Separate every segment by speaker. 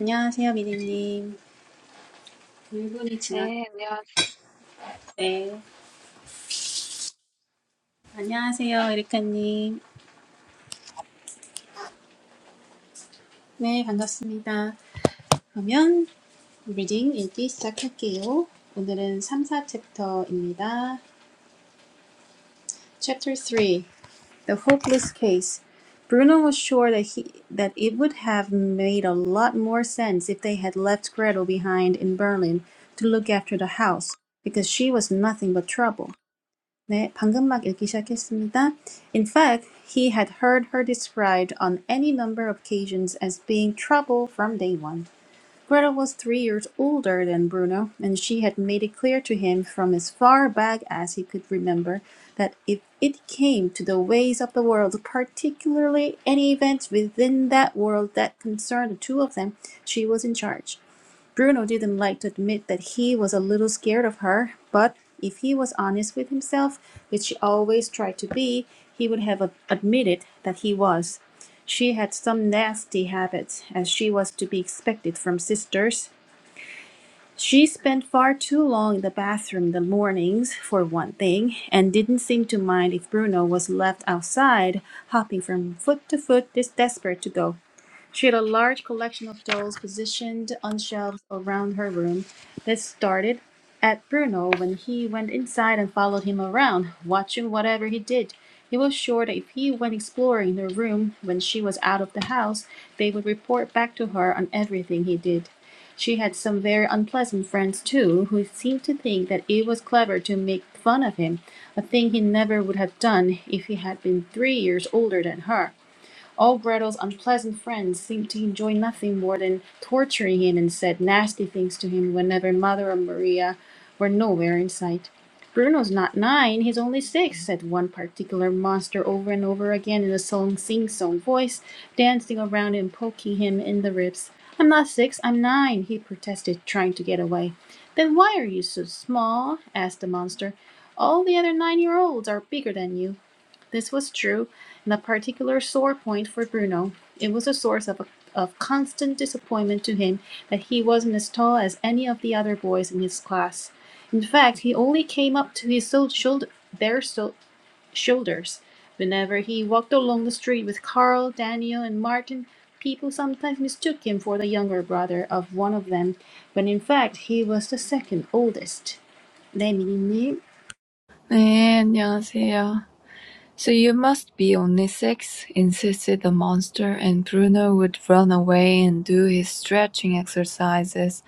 Speaker 1: 안녕하세요, 미리님. 1분이
Speaker 2: 네, 안녕하세요.
Speaker 1: 지나겠네. 안녕하세요, 에리카님. 네, 반갑습니다. 그러면 리딩 읽기 시작할게요. 오늘은 3, 챕터입니다. Chapter 3 The Hopeless Case Bruno was sure that he that it would have made a lot more sense if they had left Gretel behind in Berlin to look after the house, because she was nothing but trouble. 네, 방금 막 읽기 시작했습니다. In fact, he had heard her described on any number of occasions as being trouble from day one. Greta was three years older than Bruno, and she had made it clear to him from as far back as he could remember that if it came to the ways of the world, particularly any events within that world that concerned the two of them, she was in charge. Bruno didn't like to admit that he was a little scared of her, but if he was honest with himself, which he always tried to be, he would have admitted that he was. She had some nasty habits, as she was to be expected from sisters. She spent far too long in the bathroom in the mornings, for one thing, and didn't seem to mind if Bruno was left outside, hopping from foot to foot, this desperate to go. She had a large collection of dolls positioned on shelves around her room. This started at Bruno when he went inside and followed him around, watching whatever he did. He was sure that if he went exploring the room when she was out of the house, they would report back to her on everything he did. She had some very unpleasant friends, too, who seemed to think that it was clever to make fun of him, a thing he never would have done if he had been three years older than her. All Gretel's unpleasant friends seemed to enjoy nothing more than torturing him and said nasty things to him whenever Mother and Maria were nowhere in sight. Bruno's not nine, he's only six," said one particular monster over and over again in a song sing song voice, dancing around and poking him in the ribs. I'm not six, I'm nine," he protested, trying to get away. Then why are you so small? asked the monster. All the other nine year olds are bigger than you. This was true, and a particular sore point for Bruno. It was a source of, a, of constant disappointment to him that he wasn't as tall as any of the other boys in his class. In fact, he only came up to his so- shoulder, their so- shoulders. Whenever he walked along the street with Carl, Daniel, and Martin, people sometimes mistook him for the younger brother of one of them, when in fact he was the second oldest. They mean
Speaker 2: 네, 안녕하세요. So you must be only six, insisted the monster, and Bruno would run away and do his stretching exercises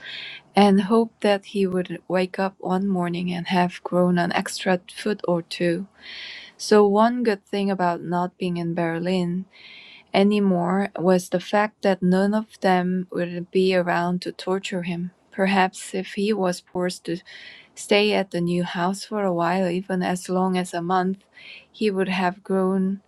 Speaker 2: and hope that he would wake up one morning and have grown an extra foot or two. So one good thing about not being in Berlin anymore was the fact that none of them would be around to torture him. Perhaps if he was forced to. stay at the new house for a while, even as long as a month, he would have grown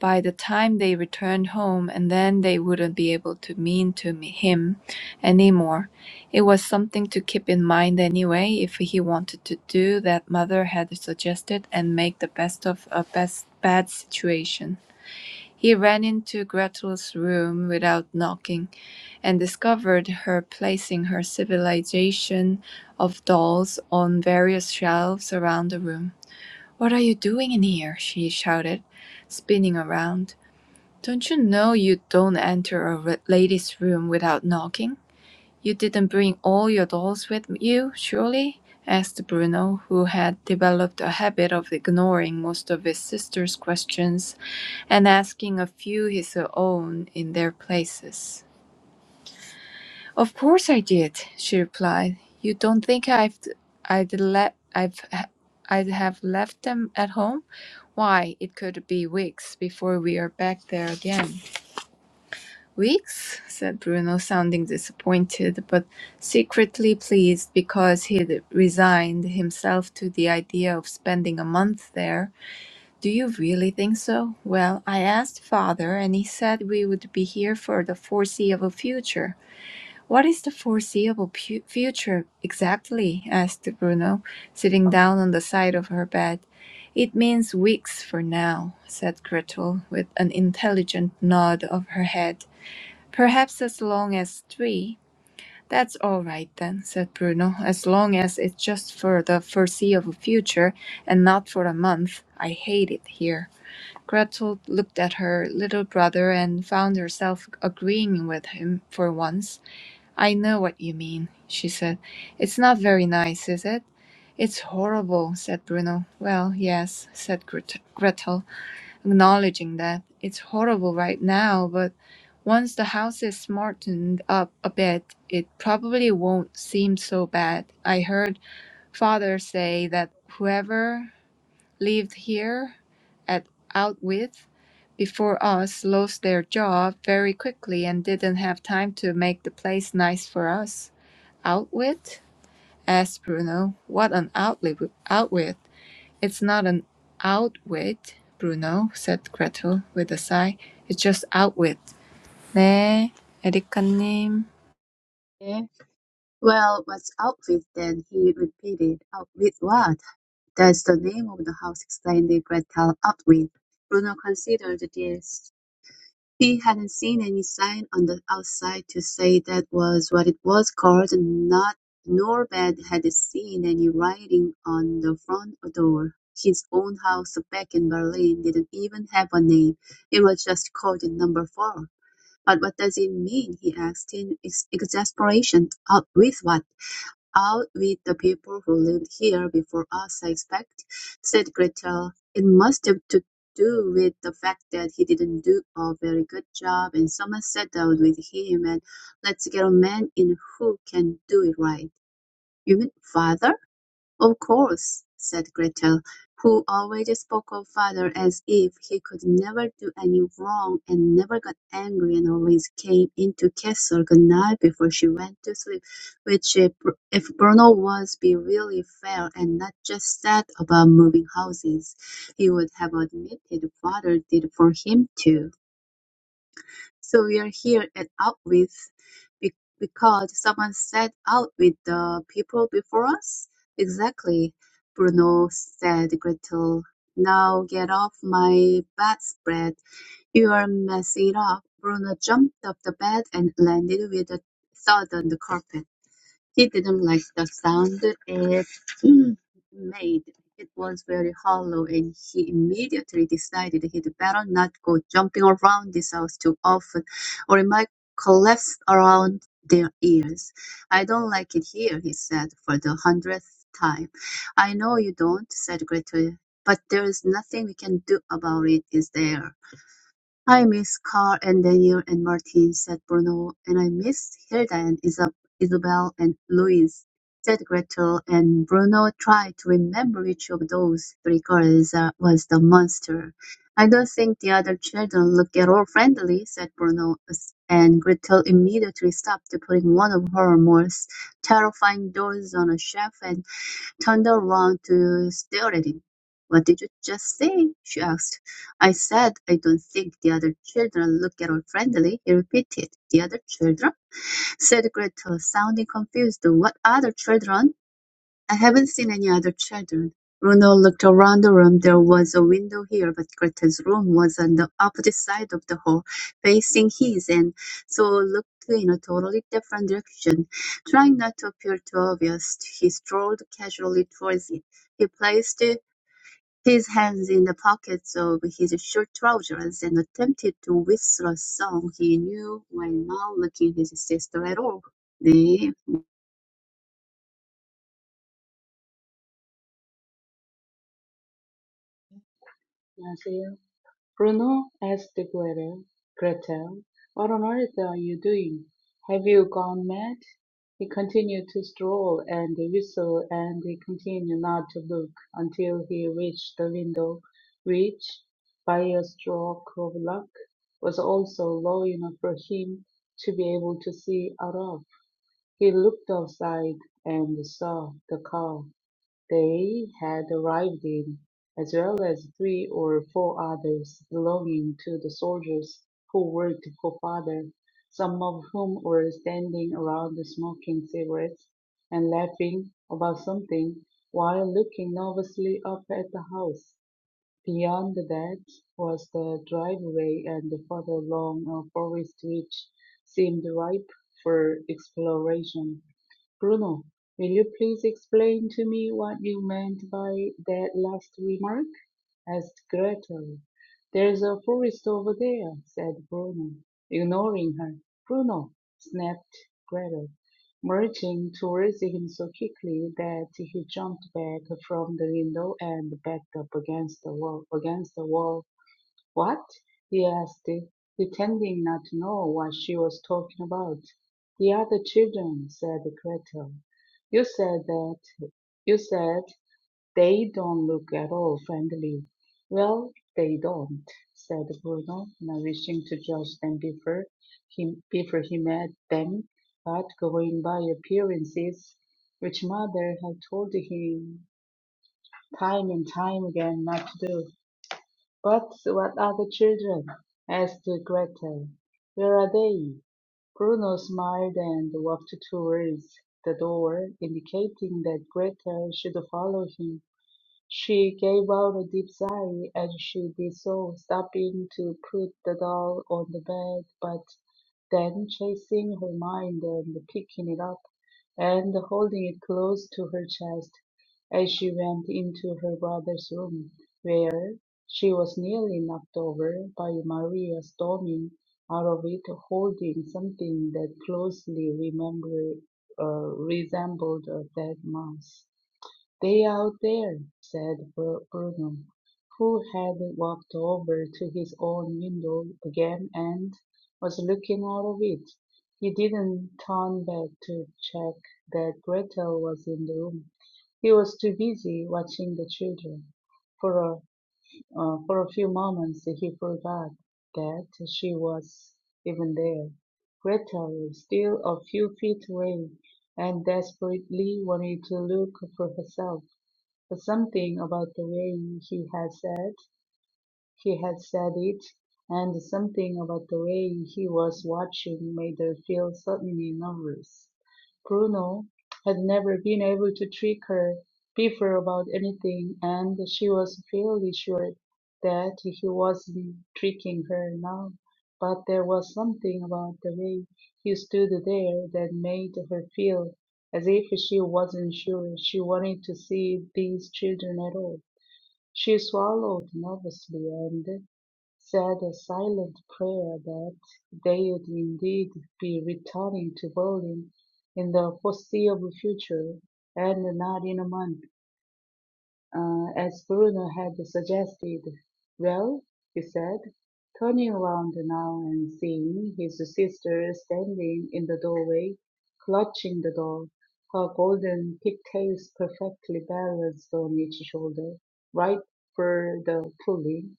Speaker 2: by the time they returned home, and then they wouldn't be able to mean to him anymore. It was something to keep in mind anyway, if he wanted to do that mother had suggested and make the best of a best bad situation. He ran into Gretel's room without knocking and discovered her placing her civilization of dolls on various shelves around the room. What are you doing in here? she shouted, spinning around. Don't you know you don't enter a lady's room without knocking? You didn't bring all your dolls with you, surely? asked Bruno, who had developed a habit of ignoring most of his sister's questions and asking a few his own in their places. "Of course I did," she replied. "You don't think I've I'd let I've I'd have left them at home? Why, it could be weeks before we are back there again." "Weeks?" said Bruno, sounding disappointed, but secretly pleased because he'd resigned himself to the idea of spending a month there. "Do you really think so? Well, I asked father, and he said we would be here for the foreseeable future. What is the foreseeable pu- future exactly? asked Bruno, sitting down on the side of her bed. It means weeks for now, said Gretel, with an intelligent nod of her head. Perhaps as long as three. That's all right then, said Bruno, as long as it's just for the foreseeable future and not for a month. I hate it here. Gretel looked at her little brother and found herself agreeing with him for once. I know what you mean, she said. It's not very nice, is it? It's horrible, said Bruno. Well, yes, said Gret- Gretel, acknowledging that. It's horrible right now, but once the house is smartened up a bit, it probably won't seem so bad. I heard father say that whoever lived here at Outwith before us lost their job very quickly and didn't have time to make the place nice for us. "Outwit?" asked Bruno. "What an outli- outwit! It's not an outwit, Bruno," said Gretel with a sigh. "It's just outwit." "네, 에리카님.
Speaker 3: Eh? Well, what's up with then? he repeated. Up with what? That's the name of the house, explained Gretel. Up with. Bruno considered this. He hadn't seen any sign on the outside to say that was what it was called, and not nor Bed had seen any writing on the front door. His own house back in Berlin didn't even have a name. It was just called number four. But what does it mean? he asked in ex- exasperation. Up with what? out with the people who lived here before us, I expect, said Gretel. It must have to do with the fact that he didn't do a very good job, and someone settled with him, and let's get a man in who can do it right. You mean father? "Of course," said Gretel, who always spoke of father as if he could never do any wrong and never got angry and always came in to kiss her good night before she went to sleep, which if, if Bruno was be really fair and not just sad about moving houses, he would have admitted father did for him too. So we are here at out with be- because someone said out with the people before us. Exactly, Bruno said Gretel. Now get off my bedspread. You are messing it up. Bruno jumped off the bed and landed with a thud on the carpet. He didn't like the sound it Mm. made. It was very hollow, and he immediately decided he'd better not go jumping around this house too often, or it might collapse around their ears. I don't like it here, he said for the hundredth time. I know you don't, said Gretel, but there is nothing we can do about it, is there? "I miss Carl and Daniel and Martin," said Bruno. "And I miss Hilda and Isab, Isabel and Louise," said Gretel, and Bruno tried to remember which of those three girls uh, was the monster. "I don't think the other children look at all friendly," said Bruno, s- and Gretel immediately stopped putting one of her most terrifying dolls on a shelf and turned around to stare at him. What did you just say? she asked. I said I don't think the other children look at all friendly, he repeated. The other children? said Gretel, sounding confused. What other children? I haven't seen any other children." Bruno looked around the room. There was a window here, but Greta's room was on the opposite side of the hall, facing his, and so looked in a totally different direction. Trying not to appear too obvious, he strolled casually towards it. He placed his hands in the pockets of his short trousers and attempted to whistle a song he knew while not looking at his sister at all. 네,
Speaker 4: Nasir, Bruno asked Greta, Gretel, what on earth are you doing? Have you gone mad? He continued to stroll and whistle and he continued not to look until he reached the window, which, by a stroke of luck, was also low enough for him to be able to see out of. He looked outside and saw the cow. They had arrived in, as well as three or four others belonging to the soldiers who worked for father, some of whom were standing around smoking cigarettes and laughing about something while looking nervously up at the house. Beyond that was the driveway and further along a forest which seemed ripe for exploration. Bruno, will you please explain to me what you meant by that last remark? asked Gretel. There's a forest over there, said Bruno, ignoring her. Bruno, snapped Gretel, marching towards him so quickly that he jumped back from the window and backed up against the wall against the wall what? he asked, pretending not to know what she was talking about. The other children, said Gretel. You said that you said they don't look at all friendly. Well, they don't, said Bruno, not wishing to judge them before he before he met them, but going by appearances, which mother had told him time and time again not to do. But what are the children? asked Gretel. Where are they? Bruno smiled and walked towards the door, indicating that Gretel should follow him. She gave out a deep sigh as she did so, stopping to put the doll on the bed, but then chasing her mind and picking it up and holding it close to her chest as she went into her brother's room, where she was nearly knocked over by Maria storming out of it holding something that closely remember, uh, resembled a dead mouse. "They out there," said Burnham, who had walked over to his own window again and was looking out of it. He didn't turn back to check that Gretel was in the room. He was too busy watching the children. For a, uh, for a few moments he forgot that she was even there. Gretel was still a few feet away and desperately wanted to look for herself. But something about the way he had said he had said it, and something about the way he was watching made her feel suddenly nervous. Bruno had never been able to trick her before about anything, and she was fairly sure that he wasn't tricking her now. But there was something about the way he stood there that made her feel as if she wasn't sure she wanted to see these children at all. She swallowed nervously, and said a silent prayer that they'd indeed be returning to bowling in the foreseeable future and not in a month, uh, as Bruno had suggested. Well, he said, turning around now and seeing his sister standing in the doorway, clutching the door, her golden pigtails perfectly balanced on each shoulder, right for the pulling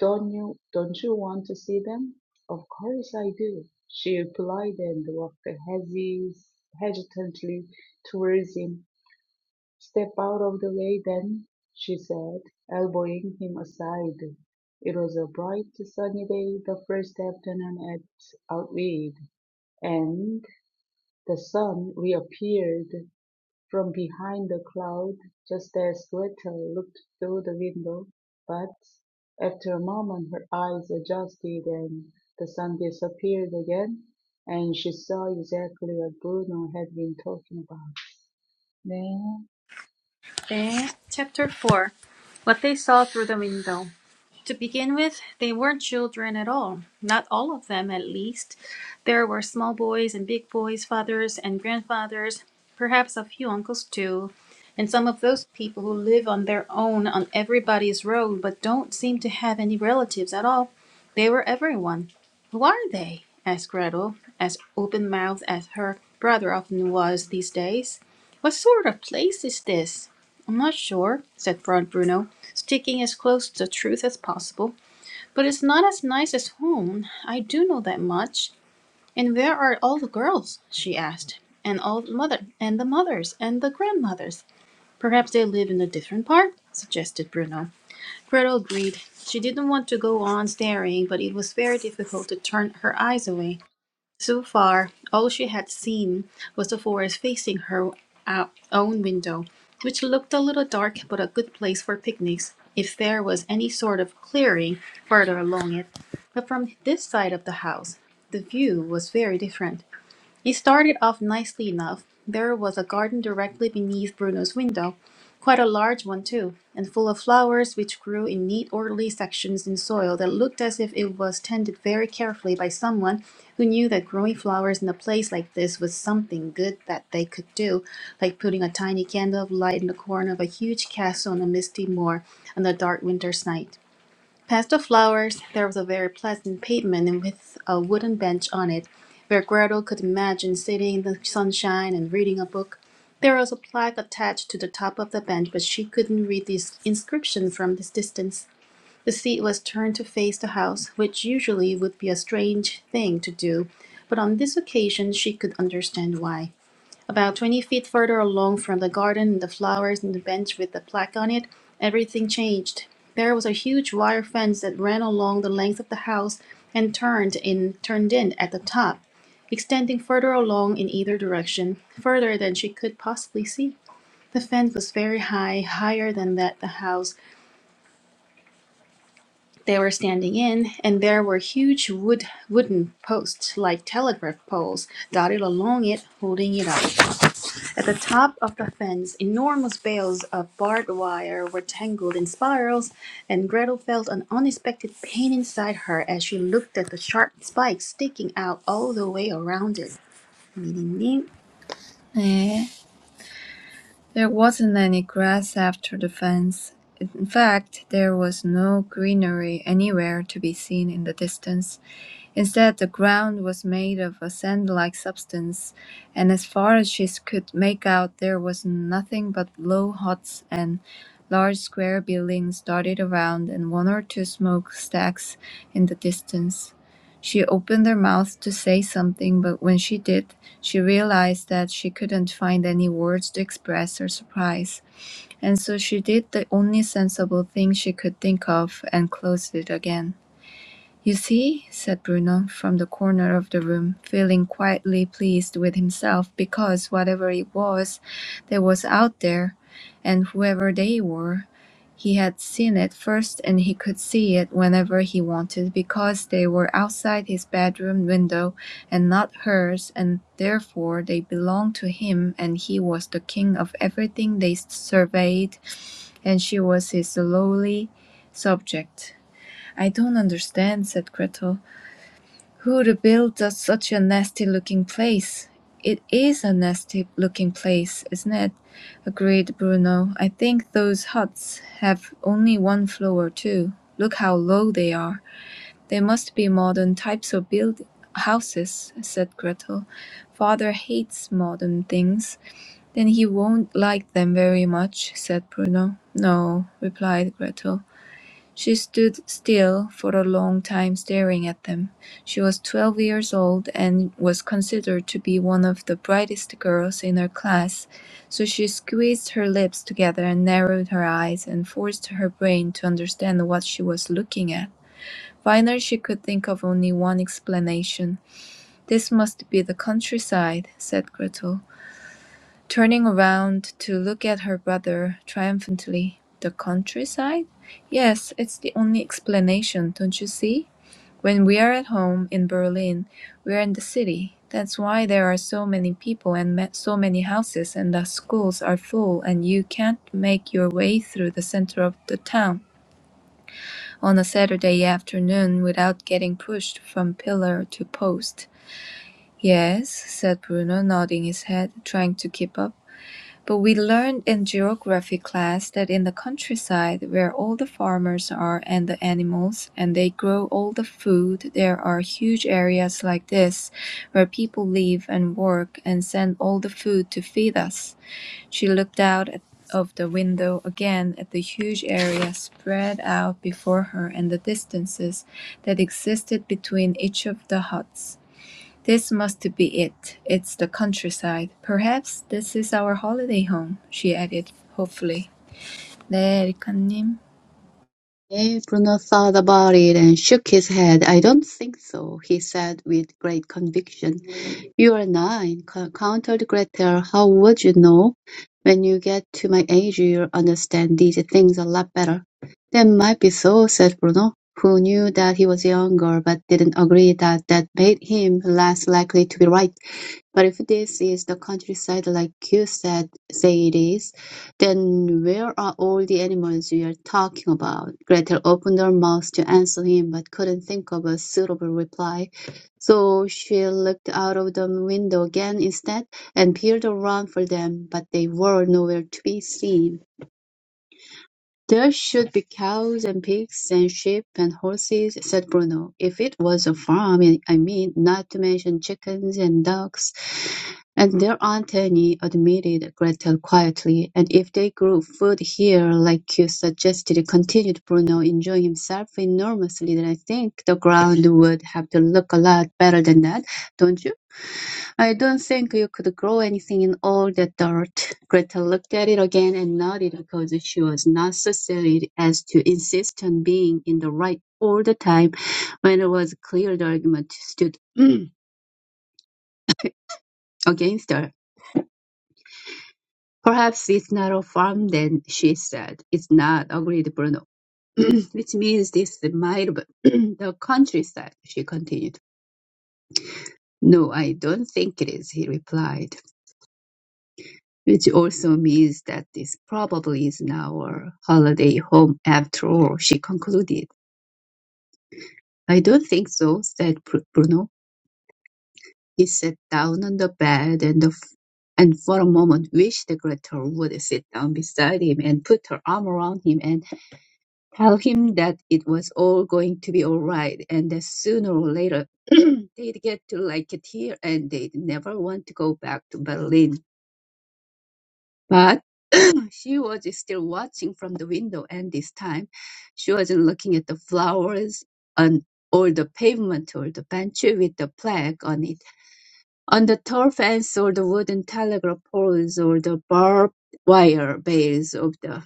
Speaker 4: don't you don't you want to see them? Of course I do, she replied, and walked hesi- hesitantly towards him. Step out of the way then, she said, elbowing him aside. It was a bright sunny day, the first afternoon at Outweed, and the sun reappeared from behind the cloud, just as Gretel looked through the window, but, after a moment, her eyes adjusted and the sun disappeared again, and she saw exactly what Bruno had been talking about. 네.
Speaker 1: 네, chapter 4. What they saw through the window. To begin with, they weren't children at all. Not all of them, at least. There were small boys and big boys, fathers and grandfathers, perhaps a few uncles too, and some of those people who live on their own on everybody's road but don't seem to have any relatives at all. They were everyone. Who are they? asked Gretel, as open mouthed as her brother often was these days. What sort of place is this? I'm not sure, said Broad Bruno, sticking as close to the truth as possible, but it's not as nice as home. I do know that much. And where are all the girls? she asked, and all the mother and the mothers and the grandmothers. Perhaps they live in a different part, suggested Bruno. Gretel agreed. She didn't want to go on staring, but it was very difficult to turn her eyes away. So far, all she had seen was the forest facing her uh, own window, which looked a little dark but a good place for picnics if there was any sort of clearing further along it. But from this side of the house, the view was very different. He started off nicely enough. There was a garden directly beneath Bruno's window, quite a large one too, and full of flowers which grew in neat orderly sections in soil that looked as if it was tended very carefully by someone who knew that growing flowers in a place like this was something good that they could do, like putting a tiny candle of light in the corner of a huge castle on a misty moor on a dark winter's night. Past the flowers, there was a very pleasant pavement and with a wooden bench on it, where Gretel could imagine sitting in the sunshine and reading a book. There was a plaque attached to the top of the bench, but she couldn't read the inscription from this distance. The seat was turned to face the house, which usually would be a strange thing to do, but on this occasion she could understand why. About 20 feet further along from the garden and the flowers and the bench with the plaque on it, everything changed. There was a huge wire fence that ran along the length of the house and turned in turned in at the top, extending further along in either direction, further than she could possibly see. The fence was very high, higher than that the house they were standing in, and there were huge wood wooden posts like telegraph poles dotted along it, holding it up. At the top of the fence, enormous bales of barbed wire were tangled in spirals, and Gretel felt an unexpected pain inside her as she looked at the sharp spikes sticking out all the way around it. 미니님,
Speaker 2: 네." There wasn't any grass after the fence. In fact, there was no greenery anywhere to be seen in the distance. Instead, the ground was made of a sand-like substance, and as far as she could make out there was nothing but low huts and large square buildings dotted around and one or two smokestacks in the distance. She opened her mouth to say something, but when she did, she realized that she couldn't find any words to express her surprise, and so she did the only sensible thing she could think of and closed it again. "You see," said Bruno, from the corner of the room, feeling quietly pleased with himself because, whatever it was that was out there, and whoever they were, he had seen it first and he could see it whenever he wanted because they were outside his bedroom window and not hers and therefore they belonged to him and he was the king of everything they surveyed and she was his lowly subject. "I don't understand," said Gretel. Who'd build a- such a nasty-looking place? It is a nasty-looking place, isn't it? agreed Bruno. I think those huts have only one floor, too. Look how low they are. They must be modern types of build houses, said Gretel. Father hates modern things. Then he won't like them very much, said Bruno. No, replied Gretel. She stood still for a long time staring at them. She was twelve years old and was considered to be one of the brightest girls in her class, so she squeezed her lips together and narrowed her eyes and forced her brain to understand what she was looking at. Finally, she could think of only one explanation. This must be the countryside, said Gretel. Turning around to look at her brother triumphantly. The countryside? Yes, it's the only explanation, don't you see? When we are at home in Berlin, we are in the city. That's why there are so many people and so many houses, and the schools are full, and you can't make your way through the center of the town on a Saturday afternoon without getting pushed from pillar to post. Yes, said Bruno, nodding his head, trying to keep up. But we learned in geography class that in the countryside where all the farmers are and the animals and they grow all the food, there are huge areas like this where people live and work and send all the food to feed us. She looked out at, of the window again at the huge area spread out before her and the distances that existed between each of the huts. "This must be it, it's the countryside. Perhaps this is our holiday home," she added hopefully. "네, 에리카님."
Speaker 3: Eh, Bruno thought about it and shook his head. I don't think so, he said with great conviction. You are nine, co- countered Gretel. How would you know? When you get to my age, you'll understand these things a lot better. That might be so, said Bruno, who knew that he was younger but didn't agree that that made him less likely to be right. But if this is the countryside like you said, say it is, then where are all the animals you are talking about? Gretel opened her mouth to answer him, but couldn't think of a suitable reply. So she looked out of the window again instead, and peered around for them, but they were nowhere to be seen. "There should be cows and pigs and sheep and horses," said Bruno. "If it was a farm, I I mean, not to mention chickens and ducks." "And there aren't any," admitted Gretel quietly. "And if they grew food here, like you suggested," continued Bruno, enjoying himself enormously, "then I think the ground would have to look a lot better than that, don't you? I don't think you could grow anything in all that dirt. Greta looked at it again and nodded because she was not so silly as to insist on being in the right all the time when it was clear the argument stood against her. Perhaps it's not a farm then, she said. It's not, agreed Bruno. Which means this might be the countryside, she continued. No, I don't think it is, he replied. Which also means that this probably is now our holiday home after all, she concluded. I don't think so, said Br- Bruno. He sat down on the bed and, the f- and for a moment wished the Gretel would sit down beside him and put her arm around him and tell him that it was all going to be all right and that sooner or later they'd get to like it here and they'd never want to go back to Berlin. But She was still watching from the window, and this time she wasn't looking at the flowers on or the pavement or the bench with the plaque on it, on the tall fence or the wooden telegraph poles or the barbed wire bales of the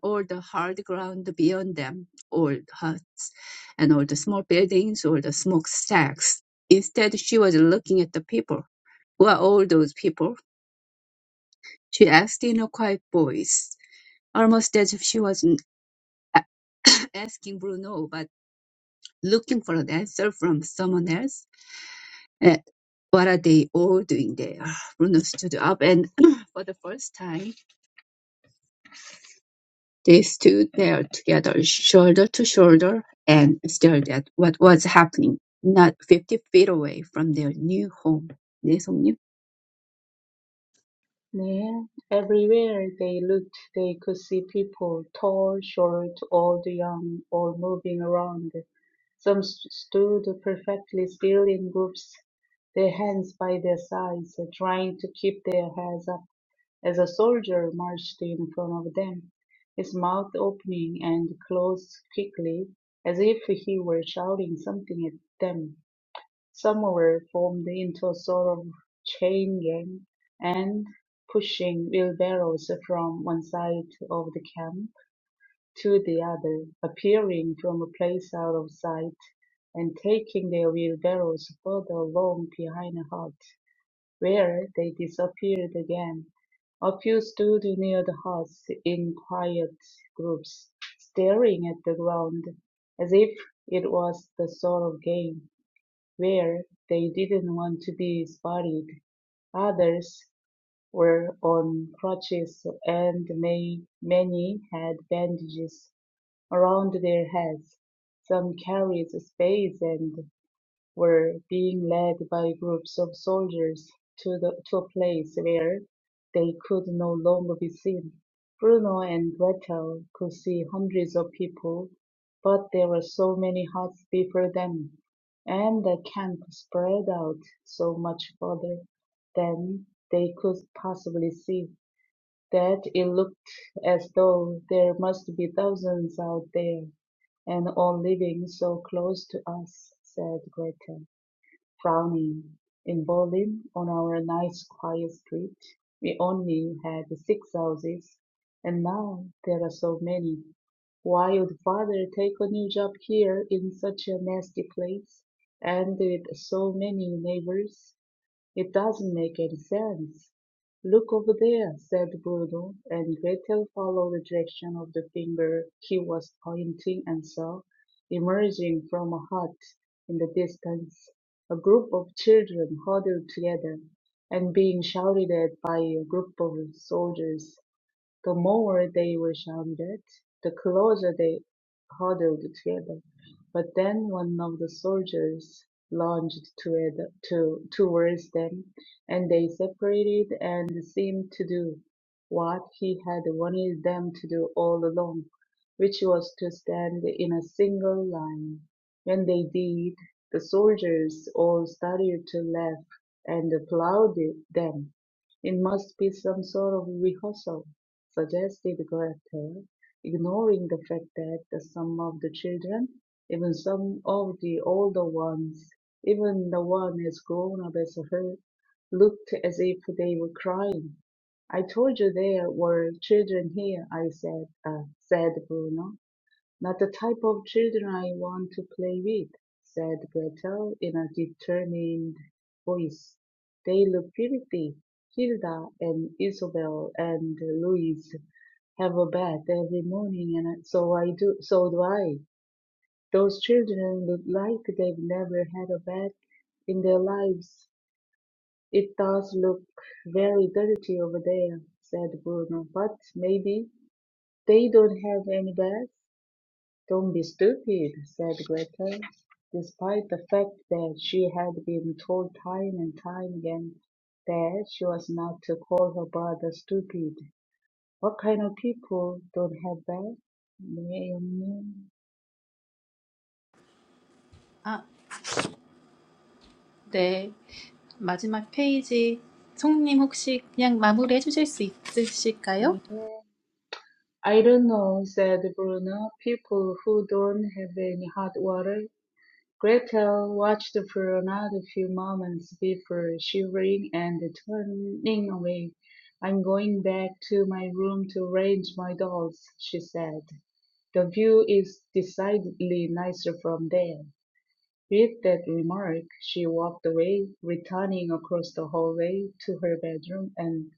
Speaker 3: or the hard ground beyond them, or huts and or the small buildings or the smokestacks. Instead, she was looking at the people. Who are all those people? she asked in a quiet voice, almost as if she was a- asking Bruno, but looking for an answer from someone else. Uh, what are they all doing there? Bruno stood up, and for the first time, they stood there together, shoulder to shoulder, and stared at what was happening not 50 feet away from their new home. 네, 성님.
Speaker 4: Yeah, everywhere they looked, they could see people, tall, short, old, young, all moving around. Some s- stood perfectly still in groups, their hands by their sides, trying to keep their heads up as a soldier marched in front of them, his mouth opening and closed quickly, as if he were shouting something at them. Some formed into a sort of chain gang and pushing wheelbarrows from one side of the camp to the other, appearing from a place out of sight and taking their wheelbarrows further along behind a hut, where they disappeared again. A few stood near the huts in quiet groups, staring at the ground as if it was the sort of game where they didn't want to be spotted. Others were on crutches and may, many had bandages around their heads. Some carried spades and were being led by groups of soldiers to, the, to a place where they could no longer be seen. Bruno and Gretel could see hundreds of people, but there were so many huts before them, and the camp spread out so much further than they could possibly see that it looked as though there must be thousands out there and all living so close to us, said Gretel frowning. In Berlin, on our nice quiet street, we only had six houses, and now there are so many. Why would father take a new job here in such a nasty place and with so many neighbors? It doesn't make any sense. Look over there, said Bruno, and Gretel followed the direction of the finger he was pointing and saw, emerging from a hut in the distance, a group of children huddled together and being shouted at by a group of soldiers. The more they resounded, the closer they huddled together. But then one of the soldiers lunged toward, to, towards them, and they separated and seemed to do what he had wanted them to do all along, which was to stand in a single line. When they did, the soldiers all started to laugh and applauded them. It must be some sort of rehearsal suggested Goethe, ignoring the fact that some of the children, even some of the older ones, even the one as grown up as her, looked as if they were crying. I told you there were children here, I said, uh, said Bruno. "Not the type of children I want to play with," said Gretel in a determined voice. "They look filthy. Hilda and Isobel and Louise have a bath every morning and so I do so do I. Those children look like they've never had a bath in their lives. It does look very dirty over there," said Bruno, "but maybe they don't have any bath. "Don't be stupid," said Gretel, despite the fact that she had been told time and time again that she was not to call her brother stupid. "What kind of people don't have that?" Naomi
Speaker 1: 아, 네. 마지막 페이지. 송님 혹시 그냥 마무리해 주실 수 있으실까요?
Speaker 4: I don't know, said Bruno. People who don't have any hot water Gretel watched for another few moments before shivering and turning away. "I'm going back to my room to arrange my dolls," she said. "The view is decidedly nicer from there." With that remark, she walked away, returning across the hallway to her bedroom and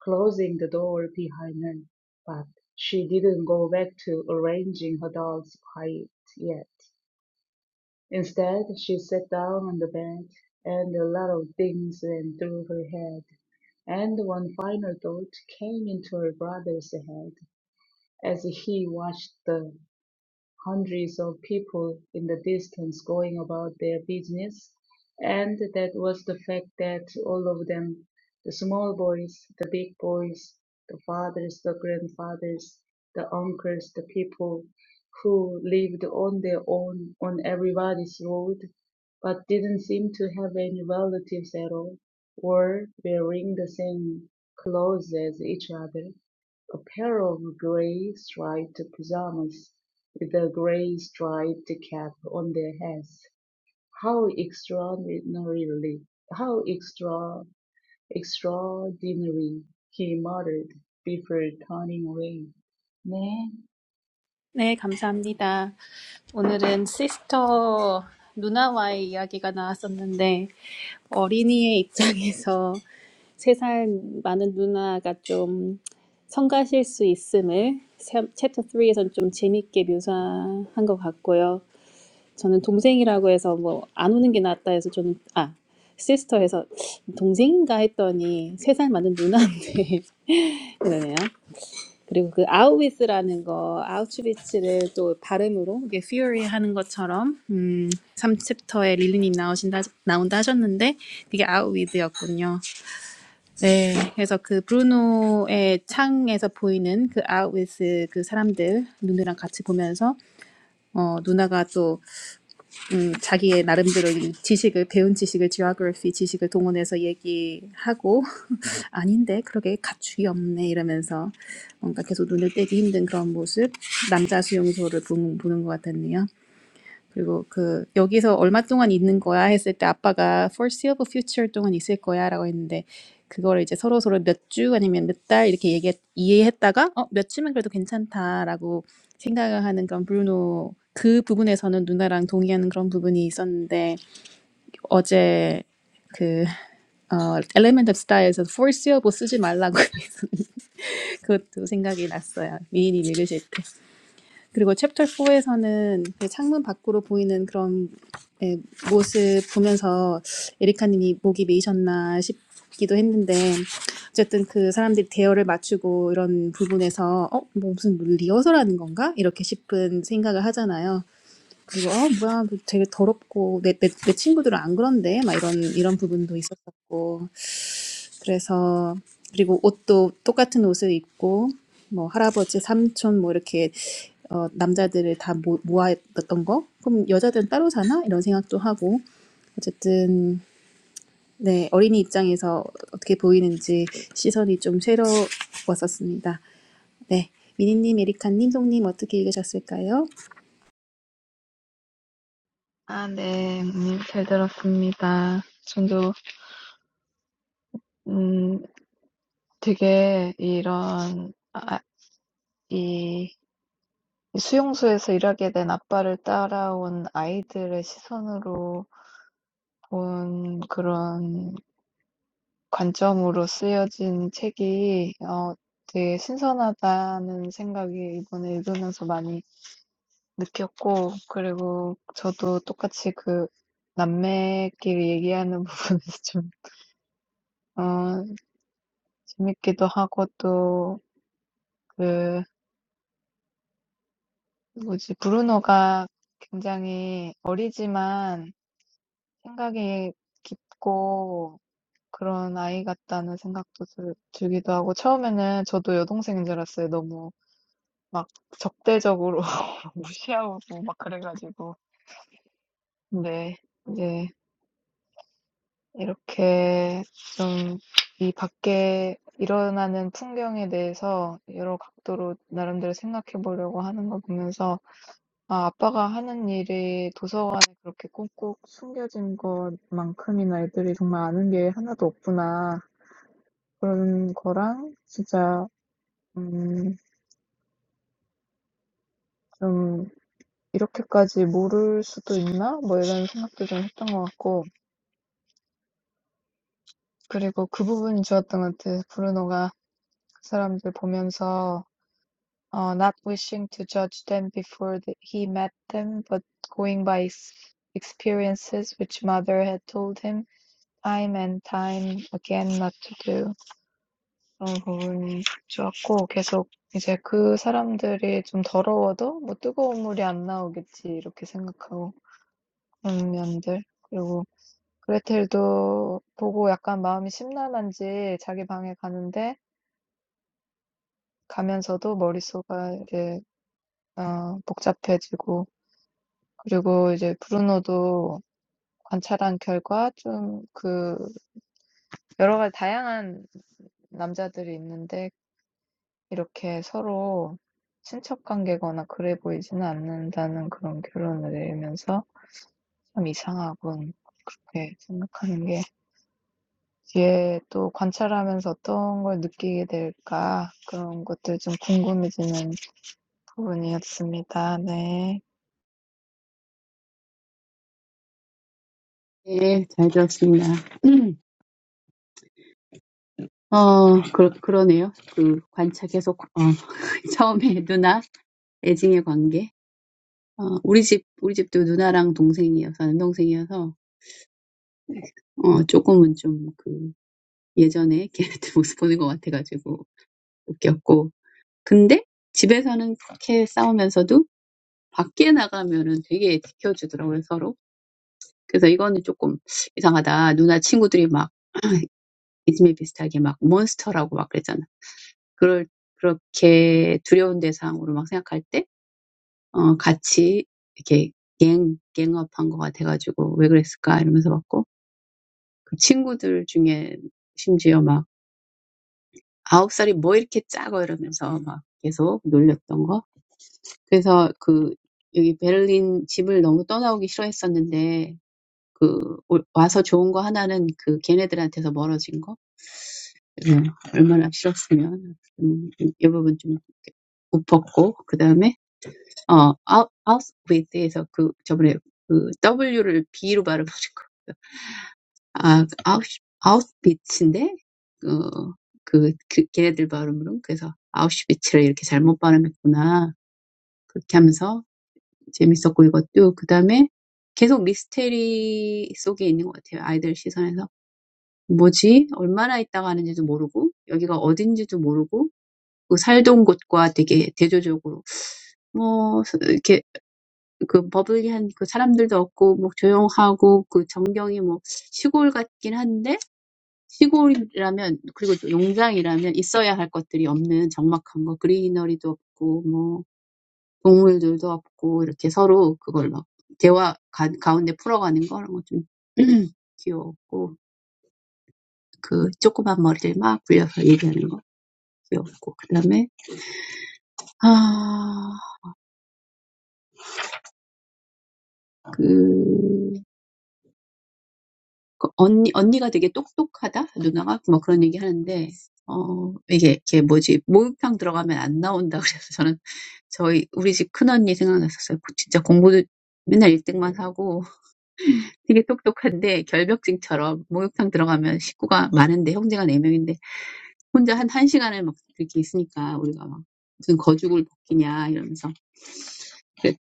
Speaker 4: closing the door behind her. But she didn't go back to arranging her dolls quite yet. Instead, she sat down on the bed, and a lot of things ran through her head, and one final thought came into her brother's head as he watched them hundreds of people in the distance going about their business. And that was the fact that all of them, the small boys, the big boys, the fathers, the grandfathers, the uncles, the people who lived on their own on everybody's road, but didn't seem to have any relatives at all, were wearing the same clothes as each other, a pair of gray striped pajamas the grey striped cap on their heads. How extraordinarily, how extra, extraordinary, he muttered before turning away. 네,
Speaker 1: 네, 감사합니다. 오늘은 시스터 누나와의 이야기가 나왔었는데 어린이의 입장에서 세 살 많은 누나가 좀 성가실 수 있음을 세- 챕터 3에서는 좀 재밌게 묘사한 것 같고요. 저는 동생이라고 해서 뭐 안 오는 게 낫다 해서 저는 아 시스터 해서 동생인가 했더니 세 살 많은 누나인데 그러네요. 그리고 그 아우비스라는 거 아우슈비츠를 또 발음으로 이게 퓨리 하는 것처럼 음, 삼 챕터에 릴리님 나오신다 나온다 하셨는데 그게 아우비스였군요. 네, 그래서 그 브루노의 창에서 보이는 그 아우비스 그 사람들 누누랑 같이 보면서 어, 누나가 또 음, 자기의 나름대로 이 지식을 배운 지식을 지오그래피 지식을 동원해서 얘기하고 아닌데 그러게 가축이 없네 이러면서 뭔가 계속 눈을 떼기 힘든 그런 모습 남자 수용소를 보는, 보는 것 같았네요. 그리고 그 여기서 얼마 동안 있는 거야 했을 때 아빠가 foreseeable future 동안 있을 거야라고 했는데 그거를 이제 서로 서로 몇 주 아니면 몇 달 이렇게 얘기 이해했다가 어몇 며칠만 그래도 괜찮다라고 생각하는 그런 브루노 그 부분에서는 누나랑 동의하는 그런 부분이 있었는데 어제 그 어, Element of Style에서 Four Syllable 쓰지 말라고 해서 그것도 생각이 났어요. 미인이 읽으실 때. 그리고 챕터 4에서는 창문 밖으로 보이는 그런 예, 모습 보면서 에리카님이 목이 메이셨나 싶기도 했는데 어쨌든 그 사람들이 대열을 맞추고 이런 부분에서 어? 뭐 무슨 리허설하는 건가? 이렇게 싶은 생각을 하잖아요. 그리고 어 뭐야 뭐 되게 더럽고 내, 내, 내 친구들은 안 그런데 막 이런 이런 부분도 있었었고 그래서 그리고 옷도 똑같은 옷을 입고 뭐 할아버지 삼촌 뭐 이렇게 어, 남자들을 다 모, 모아뒀던 거 그럼 여자들은 따로 사나 이런 생각도 하고 어쨌든 네 어린이 입장에서 어떻게 보이는지 시선이 좀 새로웠었습니다. 네 미니님, 에리카님, 송님 어떻게 읽으셨을까요?
Speaker 2: 아, 네, 음, 잘 들었습니다. 저도, 음, 되게 이런, 아, 이 수용소에서 일하게 된 아빠를 따라온 아이들의 시선으로 본 그런 관점으로 쓰여진 책이, 어, 되게 신선하다는 생각이 이번에 읽으면서 많이 느꼈고 그리고 저도 똑같이 그 남매끼리 얘기하는 부분에서 좀 어 재밌기도 하고 또 그 뭐지 브루노가 굉장히 어리지만 생각이 깊고 그런 아이 같다는 생각도 들 들기도 하고 처음에는 저도 여동생인 줄 알았어요. 너무 막 적대적으로 무시하고 막 그래가지고 근데 이제 이렇게 좀 이 밖에 일어나는 풍경에 대해서 여러 각도로 나름대로 생각해 보려고 하는 걸 보면서 아, 아빠가 하는 일이 도서관에 그렇게 꾹꾹 숨겨진 것만큼이나 애들이 정말 아는 게 하나도 없구나. 그런 거랑 진짜 음, 좀 이렇게까지 모를 수도 있나? 뭐 이런 생각도 좀 했던 것 같고 그리고 그 부분이 좋았던 것 같아요. 브루노가 그 사람들 보면서 uh, not wishing to judge them before the, he met them, but going by his experiences which mother had told him time and time again not to do. 그런 부분이 좋았고, 계속 이제 그 사람들이 좀 더러워도 뭐 뜨거운 물이 안 나오겠지, 이렇게 생각하고, 그런 면들. 그리고 그레텔도 보고 약간 마음이 심란한지 자기 방에 가는데, 가면서도 머릿속이 이제 어, 복잡해지고, 그리고 이제 브루노도 관찰한 결과 좀 그 여러 가지 다양한 남자들이 있는데 이렇게 서로 친척 관계거나 그래 보이지는 않는다는 그런 결론을 내리면서 참 이상하군. 그렇게 생각하는 게 뒤에 또 관찰하면서 어떤 걸 느끼게 될까 그런 것들 좀 궁금해지는 부분이었습니다. 네.
Speaker 3: 네, 잘 들었습니다. 어, 그러, 그러네요. 그 관찰 계속, 어, 처음에 누나, 애증의 관계. 어, 우리 집, 우리 집도 누나랑 동생이어서, 아는 동생이어서, 어, 조금은 좀 그, 예전에 걔네들 모습 보는 것 같아가지고 웃겼고. 근데 집에서는 그렇게 싸우면서도 밖에 나가면은 되게 지켜주더라고요, 서로. 그래서 이거는 조금 이상하다. 누나 친구들이 막, 이즘에 비슷하게 막 몬스터라고 막 그랬잖아. 그럴, 그렇게 두려운 대상으로 막 생각할 때, 어, 같이 이렇게 갱, 갱업한 것 같아가지고 왜 그랬을까 이러면서 봤고. 그 친구들 중에 심지어 막 아홉 살이 뭐 이렇게 작어 이러면서 막 계속 놀렸던 거. 그래서 그 여기 베를린 집을 너무 떠나오기 싫어했었는데 그 올- 와서 좋은 거 하나는 그 걔네들한테서 멀어진 거. 음, 얼마나 싫었으면 음, 이 부분 좀 웃었고 그 다음에 어 아웃 아웃 with 그 저번에 그 W를 B로 발음하는 아, 아웃, 아웃비츠인데, 어, 그, 그, 걔네들 발음으로는 그래서 아우슈비츠를 이렇게 잘못 발음했구나. 그렇게 하면서 재밌었고 이것도. 그 다음에 계속 미스테리 속에 있는 것 같아요. 아이들 시선에서. 뭐지? 얼마나 있다가 하는지도 모르고, 여기가 어딘지도 모르고, 그 살던 곳과 되게 대조적으로, 뭐, 이렇게, 그 버블리한 그 사람들도 없고, 뭐 조용하고, 그 전경이 뭐 시골 같긴 한데, 시골이라면 그리고 또 용장이라면 있어야 할 것들이 없는 적막한 거 그리너리도 없고 뭐 동물들도 없고 이렇게 서로 그걸 막 대화 가, 가운데 풀어가는 거 그런 거좀 귀여웠고 그 조그만 머리를 막 굴려서 얘기하는 거 귀여웠고 그다음에 아그 그 언니, 언니가 되게 똑똑하다? 누나가? 뭐 그런 얘기 하는데, 어, 이게, 이게 뭐지, 목욕탕 들어가면 안 나온다 그래서 저는 저희, 우리 집 큰언니 생각났었어요. 고- 진짜 공부도 맨날 1등만 하고 되게 똑똑한데 결벽증처럼 목욕탕 들어가면 식구가 많은데 형제가 네 명인데 혼자 한 1시간을 막 이렇게 있으니까 우리가 막 무슨 거죽을 벗기냐 이러면서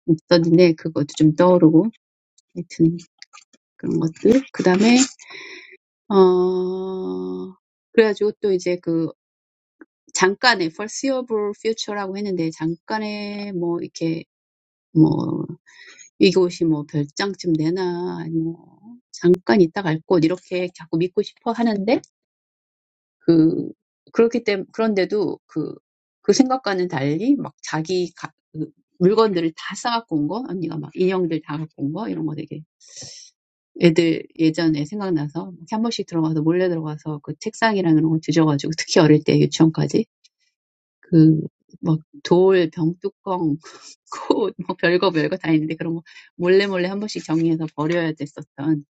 Speaker 3: 있었는데 그것도 좀 떠오르고 하여튼 그런 것들. 그 다음에, 어, 그래가지고 또 이제 그 잠깐의 foreseeable future라고 했는데 잠깐의 뭐 이렇게 뭐 이곳이 뭐 별장쯤 되나 뭐 잠깐 있다 갈 곳 이렇게 자꾸 믿고 싶어 하는데 그 그렇기 때문에 그런데도 그 그 생각과는 달리 막 자기 가, 그 물건들을 다 싸갖고 온 거, 언니가 막 인형들 다 갖고 온 거, 이런 거 되게 애들 예전에 생각나서 이렇게 한 번씩 들어가서 몰래 들어가서 그 책상이랑 이런 거 뒤져가지고 특히 어릴 때 유치원까지 그 그막 돌, 병뚜껑, 고, 뭐 별거 별거 다 있는데 그런 거 몰래 몰래 한 번씩 정리해서 버려야 됐었던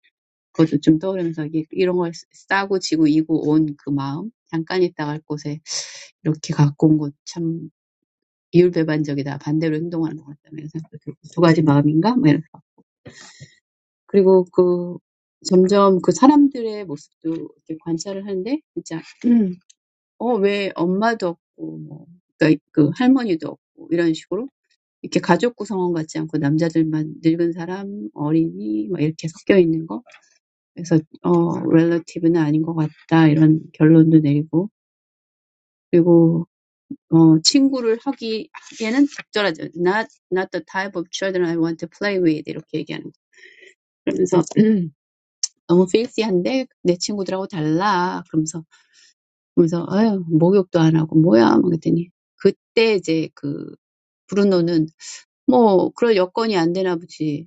Speaker 3: 그것도 좀 떠오르면서 이게 이런 걸 싸고 지고 이고 온 그 마음 잠깐 있다 갈 곳에 이렇게 갖고 온 것 참 이율배반적이다 반대로 행동하는 것 같다 이런 두 가지 마음인가 뭐 이런 거 그리고 그 점점 그 사람들의 모습도 이렇게 관찰을 하는데 진짜 음, 어왜 엄마도 없고 뭐 그러니까 그 할머니도 없고 이런 식으로 Like family members, not just men, old people, children, mixed together. So, relatives are not it. This conclusion is drawn. And then, friends are not the right type. Not the type of children I want to play with. Like this. So, too fancy. Different from my friends. So, no bath. What? What happened? At that time, Bruno said, "Well, the conditions aren't right."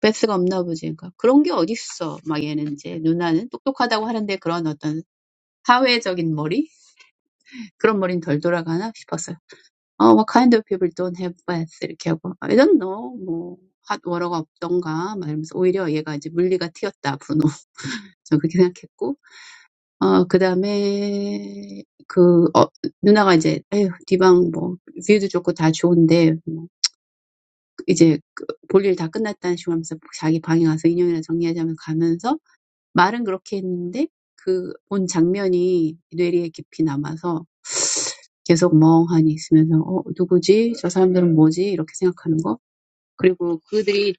Speaker 3: 베스가 없나 보지. 그러니까 그런 게 어딨어. 막 얘는 이제 누나는 똑똑하다고 하는데 그런 어떤 사회적인 머리? 그런 머리는 덜 돌아가나 싶었어요. 어, what kind of people don't have bats? 이렇게 하고 I don't know. 뭐 핫워러가 없던가 막 이러면서 오히려 얘가 이제 물리가 튀었다 브루노. 저 그렇게 생각했고 어, 그다음에 그 어, 누나가 이제 에휴 디방 뭐 뷰도 좋고 다 좋은데 뭐 이제 그 볼일 다 끝났다는 식으로 하면서 자기 방에 가서 인형이나 정리하자면서 가면서 말은 그렇게 했는데 그 본 장면이 뇌리에 깊이 남아서 계속 멍하니 있으면서 어 누구지? 저 사람들은 뭐지? 이렇게 생각하는 거. 그리고 그들이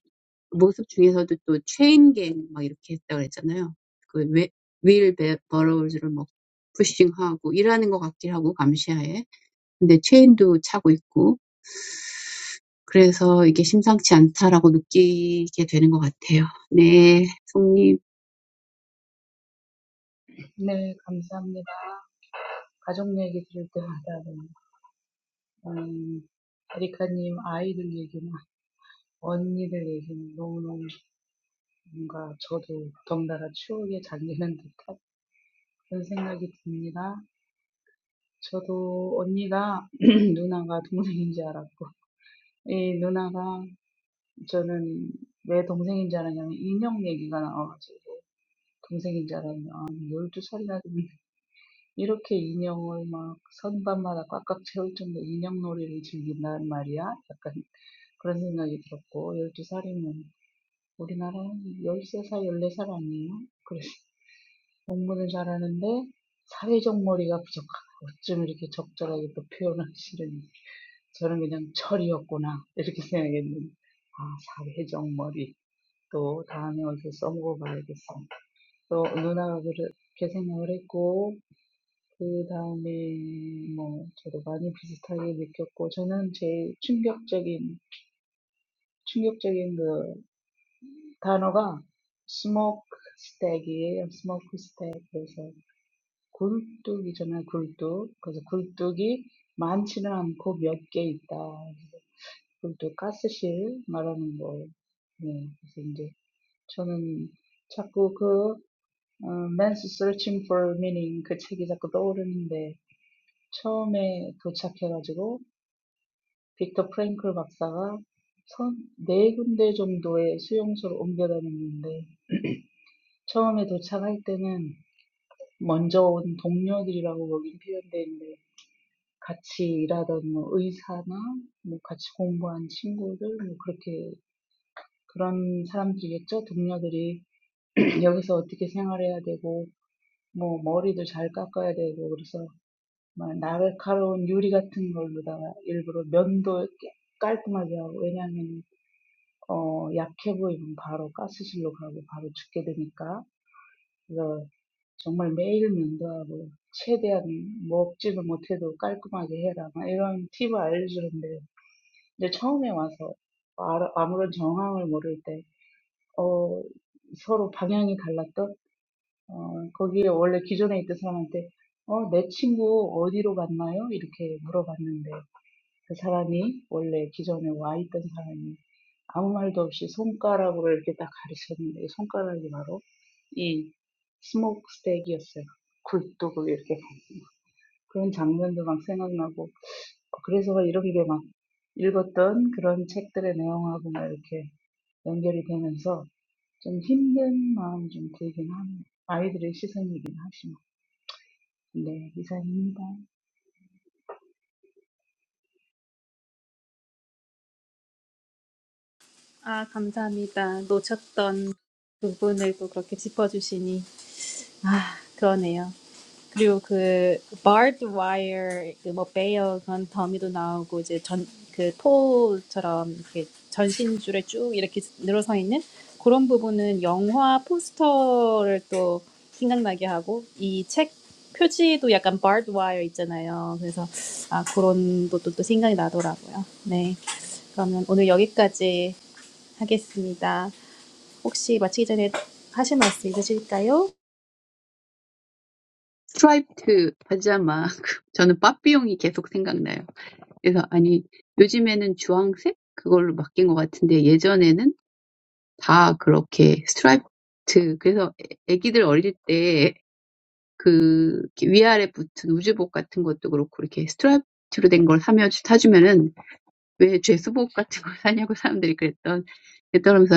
Speaker 3: 모습 중에서도 또 체인갱 막 이렇게 했다 그랬잖아요. 그 웨- 윌 베- 버러우즈를 뭐 푸싱하고 일하는 것 같긴 하고 감시하에. 근데 체인도 차고 있고 그래서 이게 심상치 않다라고 느끼게 되는 것 같아요. 네, 송님
Speaker 4: 네, 감사합니다. 가족 얘기 들을 때마다, 음, 에리카님 아이들 얘기나 언니들 얘기는 너무너무 뭔가 저도 덩달아 추억에 잠기는 듯한 그런 생각이 듭니다. 저도 언니가 누나가 동생인 줄 알았고, 이 누나가 저는 왜 동생인 줄 알았냐면 인형 얘기가 나와가지고 동생인 줄 알았는데 아, 12살이나 됐는데 이렇게 인형을 막 선반마다 꽉꽉 채울 정도 인형놀이를 즐긴단 말이야? 약간 그런 생각이 들었고 열두 살이면 우리나라 열세 살 열네 살 아니에요? 그래서 공부는 잘하는데 사회적 머리가 부족하다. 어쩜 이렇게 적절하게 또 표현하시는지. 저는 그냥 철이었구나 이렇게 생각했는데 아 사회적머리 또 다음에 어디서 써먹어봐야겠어 또 누나가 그렇게 생각을 했고 그 다음에 뭐 저도 많이 비슷하게 느꼈고 저는 제일 충격적인 충격적인 그 단어가 스모크 스택이에요 스모크 스택 그래서 굴뚝이잖아요 굴뚝 그래서 굴뚝이 많지는 않고 몇개 있다 돈까스 실 말하는 거. 네, 그래서 이제 저는 자꾸 그 어, Man's Searching for Meaning 그 책이 자꾸 떠오르는데 처음에 도착해가지고 빅터 프랭클 박사가 선, 네 군데 정도의 수용소를 옮겨다녔는데 처음에 도착할 때는 먼저 온 동료들이라고 거긴 표현돼 있는데 같이 일하던 뭐 의사나 뭐 같이 공부한 친구들 뭐 그렇게 그런 사람들이겠죠? 동료들이 여기서 어떻게 생활해야 되고, 뭐, 머리도 잘 깎아야 되고, 그래서 막 날카로운 유리 같은 걸로다가 일부러 면도 깔끔하게 하고, 왜냐하면, 어, 약해 보이면 바로 가스실로 가고, 바로 죽게 되니까. 그래서 정말 매일 면도하고, 최대한 먹지도 못해도 깔끔하게 해라. 막 이런 팁을 알려주는데, 근데 처음에 와서 아무런 정황을 모를 때, 어, 서로 방향이 달랐던 어, 거기에 원래 기존에 있던 사람한테 어, 내 친구 어디로 갔나요? 이렇게 물어봤는데 그 사람이 원래 기존에 와 있던 사람이 아무 말도 없이 손가락으로 이렇게 딱 가리쳤는데 이 손가락이 바로 이 스모크 스택이었어요. 굴뚝을 이렇게 그런 장면도 막 생각나고 그래서 이렇게 막 읽었던 그런 책들의 내용하고 막 이렇게 연결이 되면서 좀 힘든 마음 좀 들긴 합니다 아이들의 시선이긴 하지만. There is a new one.
Speaker 1: 아, 감사합니다. 놓쳤던 부분을 또 그렇게 짚어주시니. 아, 그러네요. 그리고 그, barbed wire, 그 뭐, 베어 건 더미도 나오고, 이제 전, 그 토처럼 이렇게 전신줄에 쭉 이렇게 늘어서 있는 그런 부분은 영화 포스터를 또 생각나게 하고, 이 책 표지도 약간 barbed wire 있잖아요. 그래서, 아, 그런 것도 또 생각이 나더라고요. 네. 그러면 오늘 여기까지 하겠습니다. 혹시 마치기 전에 하실 말씀 있으실까요?
Speaker 3: Striped pajama. I always think of Barbie. So, no, these days it's orange. I think it's changed, but before it was all like striped. So, when the kids were little, the pants with the waistband, and so on, when you buy a striped one, why do you buy a sweatpants? People said that, and they laughed. I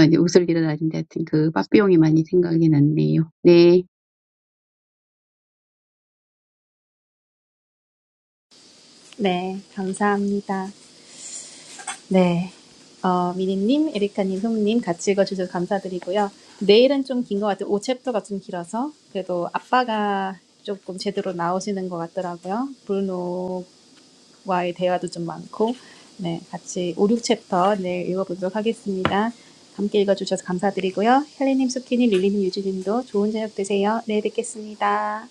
Speaker 3: always think of Barbie.
Speaker 1: 네, 감사합니다. 네, 어, 미니님, 에리카님, 송님 같이 읽어주셔서 감사드리고요. 내일은 좀 긴 것 같아요. 5챕터가 좀 길어서 그래도 아빠가 조금 제대로 나오시는 것 같더라고요. 브루노와의 대화도 좀 많고 네, 같이 5, 6챕터 내일 읽어보도록 하겠습니다. 함께 읽어주셔서 감사드리고요. 헬리님, 수키님, 릴리님, 유진님도 좋은 저녁 되세요. 내일 뵙겠습니다.